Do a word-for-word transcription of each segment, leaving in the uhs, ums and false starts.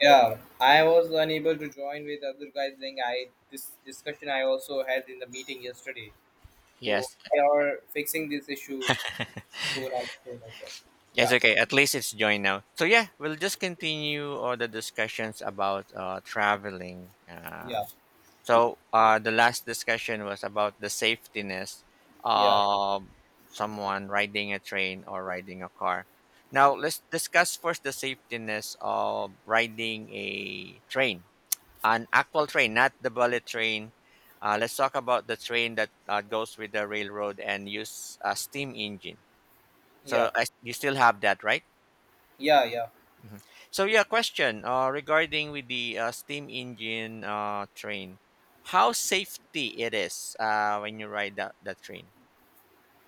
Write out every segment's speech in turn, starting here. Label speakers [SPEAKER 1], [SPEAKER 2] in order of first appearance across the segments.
[SPEAKER 1] Yeah, I was unable to join with other guys. Saying I this discussion I also had in the meeting yesterday. So
[SPEAKER 2] Yes.
[SPEAKER 1] we are fixing this issue soon as soon as possible.
[SPEAKER 2] Yes,
[SPEAKER 1] Yeah,
[SPEAKER 2] okay. At least it's joined now. So yeah, we'll just continue all the discussions about uh, traveling. Uh,
[SPEAKER 1] yeah,
[SPEAKER 2] so uh, the last discussion was about the safetiness
[SPEAKER 1] yeah,
[SPEAKER 2] of someone riding a train or riding a car. Now let's discuss first the safetiness of riding a train, an actual train, not the bullet train. Uh, let's talk about the train that uh, goes with the railroad and use a steam engine.
[SPEAKER 1] yeah,
[SPEAKER 2] So I, you still have that, right?
[SPEAKER 1] yeah, yeah.
[SPEAKER 2] Mhm. So yeah, question uh, regarding with the uh, steam engine uh, train, how safety it is uh, when you ride that, that train?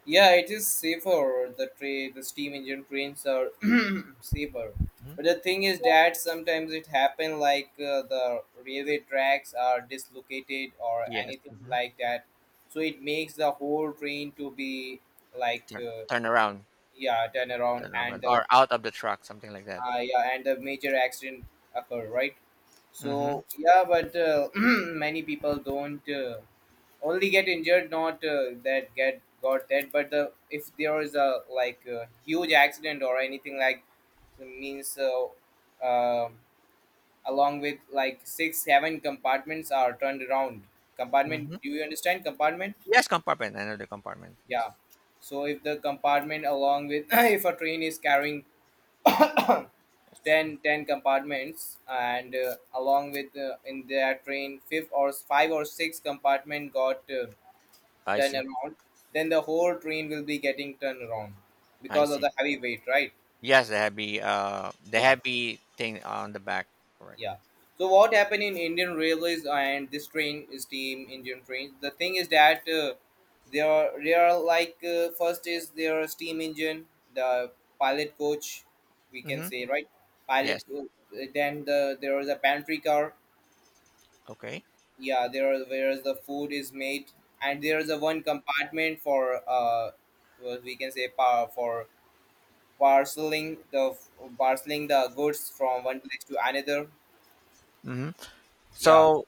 [SPEAKER 1] Yeah, it is safer. The train, the steam engine trains are safer.
[SPEAKER 2] Hmm.
[SPEAKER 1] But the thing is that sometimes it happen like uh, the railway tracks are dislocated or
[SPEAKER 2] Yes.
[SPEAKER 1] anything
[SPEAKER 2] Hmm.
[SPEAKER 1] like that. So it makes the whole train to be like.
[SPEAKER 2] Turn,
[SPEAKER 1] Uh,
[SPEAKER 2] turn around,
[SPEAKER 1] yeah, turnaround,
[SPEAKER 2] turn
[SPEAKER 1] and
[SPEAKER 2] around,
[SPEAKER 1] the
[SPEAKER 2] or out of the truck, something like that.
[SPEAKER 1] uh, yeah and the major accident occur, right.
[SPEAKER 2] Hmm.
[SPEAKER 1] So yeah, but uh, many people don't uh, only get injured, not uh, that get got that. But the if there is a like a huge accident or anything like, means uh, uh, along with like six seven compartments are turned around. Compartment,
[SPEAKER 2] Hmm.
[SPEAKER 1] do you understand? Compartment?
[SPEAKER 2] Yes, compartment. I know the compartment. Yes.
[SPEAKER 1] Yeah, so if the compartment along with if a train is carrying
[SPEAKER 2] Yes.
[SPEAKER 1] Ten ten compartments, and uh, along with uh, in their train, fifth or five or six compartment got uh,
[SPEAKER 2] I
[SPEAKER 1] turned
[SPEAKER 2] see.
[SPEAKER 1] around, then the whole train will be getting turned around
[SPEAKER 2] I
[SPEAKER 1] because of
[SPEAKER 2] see.
[SPEAKER 1] the heavy weight, right?
[SPEAKER 2] Yes, the heavy, uh, the
[SPEAKER 1] Yeah,
[SPEAKER 2] heavy thing on the back. Correct.
[SPEAKER 1] yeah. So what happened in Indian railways, and this train, steam Indian train, the thing is that uh, there are there are like uh, first is their steam engine, the pilot coach, we can
[SPEAKER 2] Mm-hmm.
[SPEAKER 1] say, right?
[SPEAKER 2] Yes.
[SPEAKER 1] pilot co- then the there is a pantry car.
[SPEAKER 2] Okay.
[SPEAKER 1] Yeah, there are whereas the food is made. And there is a one compartment for uh what we can say, par- for parceling the parceling the goods from one place to another.
[SPEAKER 2] Mm-hmm.
[SPEAKER 1] Yeah.
[SPEAKER 2] So,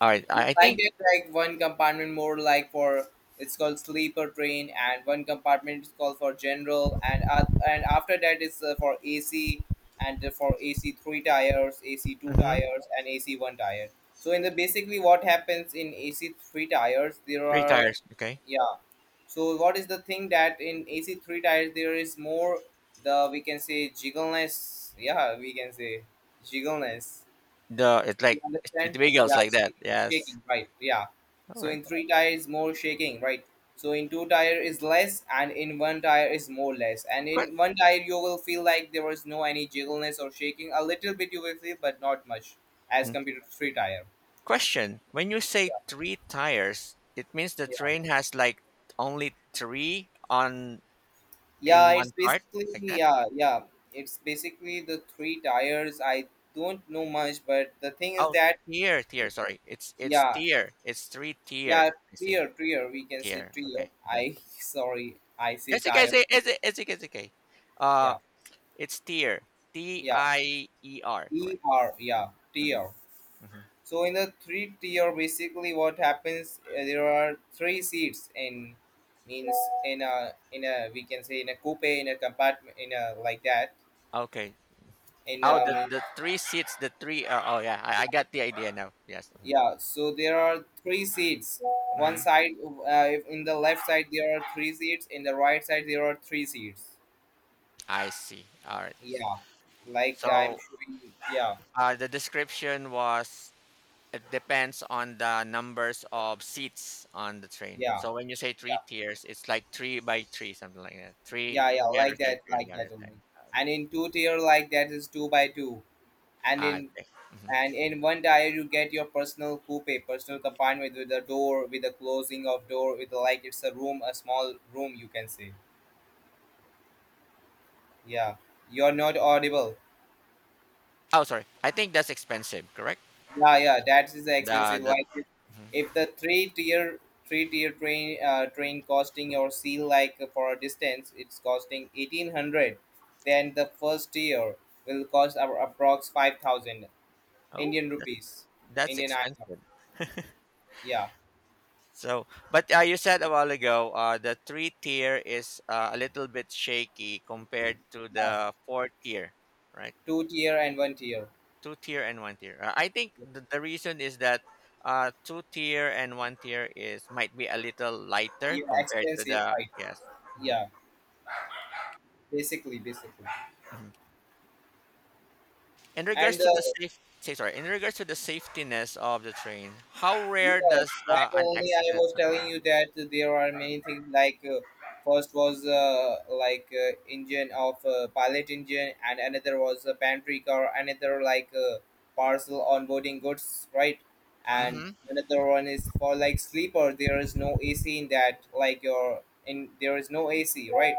[SPEAKER 2] all right.
[SPEAKER 1] You
[SPEAKER 2] I I
[SPEAKER 1] like
[SPEAKER 2] think.
[SPEAKER 1] that, like one compartment more like for, it's called sleeper train. And one compartment is called for general, and uh, and after that is uh, for AC, and for AC three tires, AC two tires, and AC one tire. So in the basically what happens in A C three tires, there
[SPEAKER 2] Three
[SPEAKER 1] are.
[SPEAKER 2] tires. Okay.
[SPEAKER 1] Yeah. So what is the thing that in A C three tires there is more the we can say jiggleness. Yeah, we can say jiggleness.
[SPEAKER 2] The it's
[SPEAKER 1] You
[SPEAKER 2] like it
[SPEAKER 1] understand?
[SPEAKER 2] wiggles
[SPEAKER 1] Yeah,
[SPEAKER 2] like that.
[SPEAKER 1] shaking,
[SPEAKER 2] Yes.
[SPEAKER 1] shaking, right? Yeah.
[SPEAKER 2] All
[SPEAKER 1] So
[SPEAKER 2] right.
[SPEAKER 1] in three tires, more shaking, right? So in two tire is less, and in one tire is more less. And
[SPEAKER 2] Que-
[SPEAKER 1] in one tire you will feel like there was no any jiggleness or shaking. A little bit you will feel, but not much as
[SPEAKER 2] mm.
[SPEAKER 1] compared to three tire.
[SPEAKER 2] Question: when you
[SPEAKER 1] Yeah.
[SPEAKER 2] say three tires, it means the train has like only three on
[SPEAKER 1] Yeah,
[SPEAKER 2] in
[SPEAKER 1] it's
[SPEAKER 2] one part,
[SPEAKER 1] basically,
[SPEAKER 2] like that.
[SPEAKER 1] yeah, yeah. It's basically the three tires. I don't know much, but the thing is
[SPEAKER 2] Oh,
[SPEAKER 1] that
[SPEAKER 2] tier, tier. Sorry, it's it's
[SPEAKER 1] yeah,
[SPEAKER 2] tier. It's three
[SPEAKER 1] yeah,
[SPEAKER 2] tier. I see.
[SPEAKER 1] tire, tire. We can say
[SPEAKER 2] Tier.
[SPEAKER 1] tire.
[SPEAKER 2] Okay.
[SPEAKER 1] I sorry, I say
[SPEAKER 2] It's okay. It's
[SPEAKER 1] tire.
[SPEAKER 2] okay. It's okay. It's okay. It's okay. Uh,
[SPEAKER 1] Yeah,
[SPEAKER 2] it's tier. T
[SPEAKER 1] yeah.
[SPEAKER 2] I E R.
[SPEAKER 1] E
[SPEAKER 2] Correct.
[SPEAKER 1] R. Yeah, tier.
[SPEAKER 2] Mm-hmm.
[SPEAKER 1] So in the three tier, basically what happens? uh, There are three seats in means in a in a we can say in a coupe, in a compartment, in a like that,
[SPEAKER 2] Okay.
[SPEAKER 1] in
[SPEAKER 2] Oh,
[SPEAKER 1] a
[SPEAKER 2] the
[SPEAKER 1] means.
[SPEAKER 2] the three seats, the three. Uh, oh, yeah, I, I got the idea now. Yes.
[SPEAKER 1] Yeah, so there are three seats. One
[SPEAKER 2] Mm-hmm.
[SPEAKER 1] side, uh, if in the left side there are three seats, in the right side there are three seats.
[SPEAKER 2] I see. All right. So,
[SPEAKER 1] Yeah, like I'm
[SPEAKER 2] so
[SPEAKER 1] showing. Yeah,
[SPEAKER 2] uh, the description was it depends on the numbers of seats on the train.
[SPEAKER 1] yeah,
[SPEAKER 2] So when you say three
[SPEAKER 1] yeah,
[SPEAKER 2] tiers, it's like three by three, something like that. Three
[SPEAKER 1] yeah,
[SPEAKER 2] on
[SPEAKER 1] yeah,
[SPEAKER 2] the other
[SPEAKER 1] like
[SPEAKER 2] side,
[SPEAKER 1] that,
[SPEAKER 2] three on
[SPEAKER 1] like
[SPEAKER 2] the
[SPEAKER 1] that
[SPEAKER 2] other side.
[SPEAKER 1] only.
[SPEAKER 2] Ah,
[SPEAKER 1] And
[SPEAKER 2] okay.
[SPEAKER 1] in two tier, like that is two by two. And
[SPEAKER 2] Ah,
[SPEAKER 1] in
[SPEAKER 2] okay. Hmm.
[SPEAKER 1] and in one tier you get your personal coupe, personal compartment with a door, with a closing of door, with like it's a room, a small room you can say. Yeah, you're not audible.
[SPEAKER 2] Oh, sorry. I think that's expensive. Correct.
[SPEAKER 1] Yeah, yeah, that is
[SPEAKER 2] The
[SPEAKER 1] expensive.
[SPEAKER 2] the.
[SPEAKER 1] Like if,
[SPEAKER 2] Mhm.
[SPEAKER 1] if the three tier three tier train uh, train costing your seal like uh, for a distance, it's costing eighteen hundred. Then the first tier will cost a- approx five thousand
[SPEAKER 2] Oh,
[SPEAKER 1] Indian
[SPEAKER 2] that,
[SPEAKER 1] rupees,
[SPEAKER 2] that's
[SPEAKER 1] Indian I N R.
[SPEAKER 2] expensive.
[SPEAKER 1] Yeah,
[SPEAKER 2] So, but uh, you said a while ago, uh, the three tier is uh, a little bit shaky compared to
[SPEAKER 1] yeah,
[SPEAKER 2] the four tier, right?
[SPEAKER 1] two tier and one tier.
[SPEAKER 2] Two tier and one tier. Uh, I think the, the reason is that uh, two tier and one tier is might be a little lighter
[SPEAKER 1] Yeah,
[SPEAKER 2] compared to
[SPEAKER 1] expensive,
[SPEAKER 2] the
[SPEAKER 1] right?
[SPEAKER 2] yes. Mhm,
[SPEAKER 1] Yeah, basically, basically.
[SPEAKER 2] mhm. In regards
[SPEAKER 1] And
[SPEAKER 2] to the
[SPEAKER 1] the
[SPEAKER 2] safe, say sorry. In regards to the safetiness of the train, how
[SPEAKER 1] Yeah,
[SPEAKER 2] rare does
[SPEAKER 1] that
[SPEAKER 2] uh, an
[SPEAKER 1] only I
[SPEAKER 2] accident
[SPEAKER 1] was telling
[SPEAKER 2] occur?
[SPEAKER 1] you that there are many things like uh, first was uh, like uh, engine of uh, pilot engine, and another was a pantry car, another like uh, parcel onboarding goods, right? And
[SPEAKER 2] Hmm.
[SPEAKER 1] another one is for like sleeper. There is no A C in that. Like your in, there is no A C, right?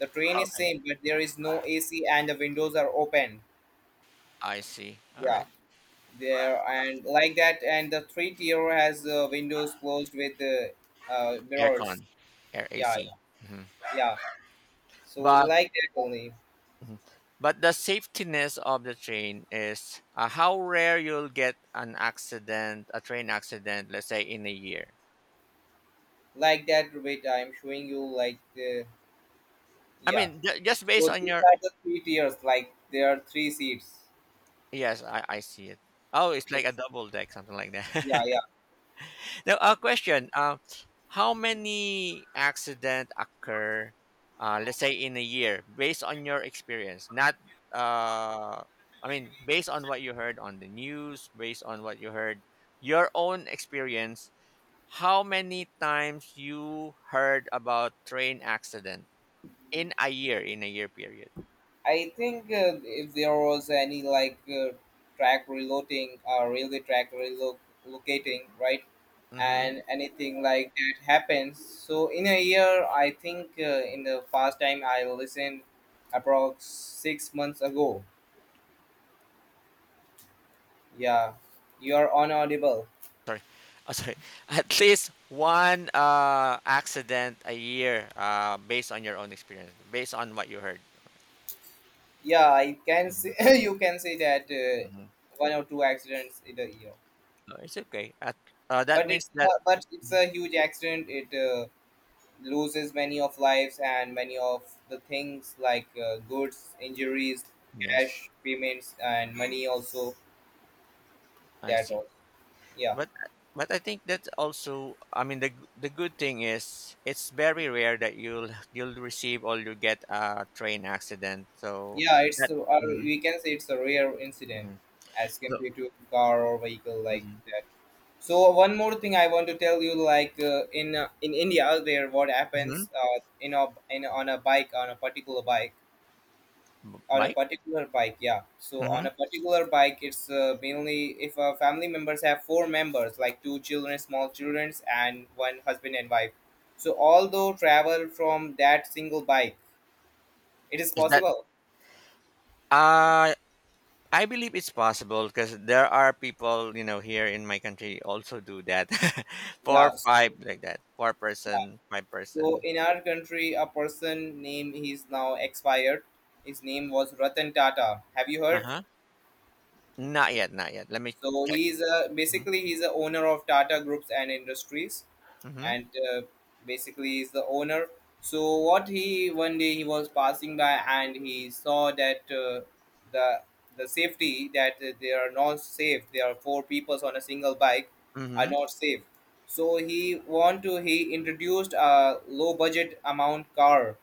[SPEAKER 1] The train is
[SPEAKER 2] Okay,
[SPEAKER 1] same, but there is no A C and the windows are open.
[SPEAKER 2] I see. All
[SPEAKER 1] Yeah,
[SPEAKER 2] right.
[SPEAKER 1] there, and like that, and the three tier has uh, windows closed with uh, uh, mirrors.
[SPEAKER 2] Aircon, air
[SPEAKER 1] Yeah,
[SPEAKER 2] A C.
[SPEAKER 1] yeah,
[SPEAKER 2] Hmm.
[SPEAKER 1] yeah, so
[SPEAKER 2] But
[SPEAKER 1] like that only.
[SPEAKER 2] Mhm. But the safetiness of the train is uh, how rare you'll get an accident, a train accident, let's say in a year.
[SPEAKER 1] Like that, wait, I'm showing you like the.
[SPEAKER 2] I
[SPEAKER 1] Yeah,
[SPEAKER 2] mean, ju- just based
[SPEAKER 1] so
[SPEAKER 2] on
[SPEAKER 1] these
[SPEAKER 2] your
[SPEAKER 1] are the three tiers, like there are three seats.
[SPEAKER 2] yes, I, I see it. Oh, it's like a
[SPEAKER 1] Yes,
[SPEAKER 2] double deck, something like
[SPEAKER 1] yeah,
[SPEAKER 2] that.
[SPEAKER 1] yeah.
[SPEAKER 2] Now, a question: uh, how many accident occur, uh, let's say in a year, based on your experience? Not, uh, I mean, based on what you heard on the news, based on what you heard, your own experience. How many times you heard about train accident in a year, in a year period?
[SPEAKER 1] I think uh, if there was any like uh, track reloading, or railway track relocating, right,
[SPEAKER 2] Mm-hmm.
[SPEAKER 1] and anything like that happens. So in a year, I think uh, in the past time I listened, approx six months ago. Yeah, you are on audible.
[SPEAKER 2] Sorry. Oh, sorry. At least one uh, accident a year uh, based on your own experience, based on what you heard.
[SPEAKER 1] Yeah, I can say
[SPEAKER 2] Mhm,
[SPEAKER 1] you can say that uh,
[SPEAKER 2] mhm.
[SPEAKER 1] one or two accidents in a year,
[SPEAKER 2] No, it's okay. At, uh, that
[SPEAKER 1] but
[SPEAKER 2] means
[SPEAKER 1] it's
[SPEAKER 2] that.
[SPEAKER 1] uh, but it's
[SPEAKER 2] Mhm.
[SPEAKER 1] a huge accident. It uh, loses many of lives and many of the things like uh, goods, injuries,
[SPEAKER 2] Yes,
[SPEAKER 1] cash payments, and money also.
[SPEAKER 2] I
[SPEAKER 1] That
[SPEAKER 2] see.
[SPEAKER 1] all. Yeah,
[SPEAKER 2] But but I think that's also I mean the g- the good thing is it's very rare that you'll you'll receive or you get a train accident. So
[SPEAKER 1] yeah. It's
[SPEAKER 2] that
[SPEAKER 1] a- uh,
[SPEAKER 2] mm
[SPEAKER 1] we can say it's a rare incident
[SPEAKER 2] mm
[SPEAKER 1] as
[SPEAKER 2] so,
[SPEAKER 1] compared to car or vehicle like
[SPEAKER 2] mhm,
[SPEAKER 1] that. So one more thing I want to tell you, like uh, in uh, in India, there what
[SPEAKER 2] mhm,
[SPEAKER 1] happens uh, in a in on a bike, on a particular bike on a
[SPEAKER 2] bike
[SPEAKER 1] particular bike, yeah, so on a
[SPEAKER 2] hmm
[SPEAKER 1] particular bike it's uh, mainly if uh, family members have four members, like two children, small children, and one husband and wife, so although travel from that single bike, it is
[SPEAKER 2] is that
[SPEAKER 1] possible.
[SPEAKER 2] uh I believe it's possible because there are people you know here in my country also do that four
[SPEAKER 1] Yeah, so,
[SPEAKER 2] five like that four
[SPEAKER 1] yeah,
[SPEAKER 2] person five
[SPEAKER 1] so
[SPEAKER 2] person
[SPEAKER 1] in our country a person name, he's now expired, his name was Ratan Tata, have you
[SPEAKER 2] uh
[SPEAKER 1] heard?
[SPEAKER 2] huh not yet not yet let me
[SPEAKER 1] So
[SPEAKER 2] check.
[SPEAKER 1] he's a
[SPEAKER 2] Mm-hmm.
[SPEAKER 1] basically he's the owner of Tata Groups and Industries, and uh, basically he's the owner. So what he one day he was passing by and he saw that uh, the the safety that they are not safe. There are four people on a single bike are
[SPEAKER 2] Mm-hmm.
[SPEAKER 1] not safe. So he want to he introduced a low budget amount car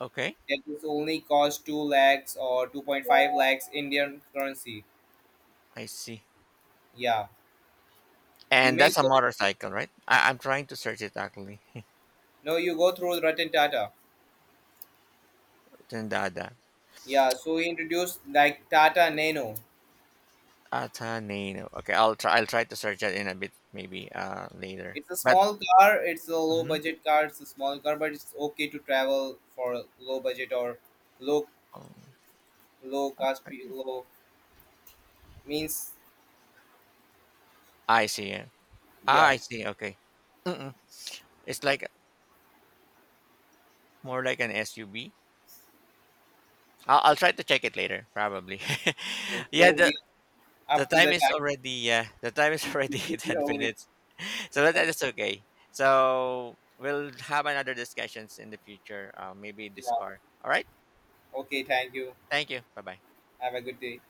[SPEAKER 2] Okay.
[SPEAKER 1] that is only cost two lakhs or two point five lakhs Indian currency.
[SPEAKER 2] I see.
[SPEAKER 1] Yeah, you
[SPEAKER 2] And
[SPEAKER 1] may
[SPEAKER 2] that's a
[SPEAKER 1] go.
[SPEAKER 2] motorcycle, right? I, I'm trying to search it actually.
[SPEAKER 1] No, you go through Ratan Tata.
[SPEAKER 2] Tendada.
[SPEAKER 1] Yeah, so he introduced like Tata Nano.
[SPEAKER 2] Ataneno. Okay, I'll try. I'll try to search that in a bit, maybe uh later.
[SPEAKER 1] It's a
[SPEAKER 2] But
[SPEAKER 1] small car, it's a low
[SPEAKER 2] mhm.
[SPEAKER 1] budget car, it's a small car, but it's okay to travel for low budget, or low
[SPEAKER 2] Um,
[SPEAKER 1] low cost pe- low means.
[SPEAKER 2] I see. Yeah. Ah,
[SPEAKER 1] Yeah.
[SPEAKER 2] I see. Okay. Mm-mm. It's like more like an S U V. I'll, I'll try to check it later, probably.
[SPEAKER 1] So
[SPEAKER 2] Yeah. The
[SPEAKER 1] we
[SPEAKER 2] the
[SPEAKER 1] up to the
[SPEAKER 2] time is
[SPEAKER 1] time
[SPEAKER 2] already. Uh, the time is
[SPEAKER 1] we
[SPEAKER 2] already
[SPEAKER 1] switch it
[SPEAKER 2] ten
[SPEAKER 1] all.
[SPEAKER 2] minutes. So that,
[SPEAKER 1] Okay,
[SPEAKER 2] that is okay. So we'll have another discussions in the future. Uh, maybe this
[SPEAKER 1] yeah.
[SPEAKER 2] car. All right.
[SPEAKER 1] Okay, thank you.
[SPEAKER 2] Thank you. Bye bye.
[SPEAKER 1] Have a good day.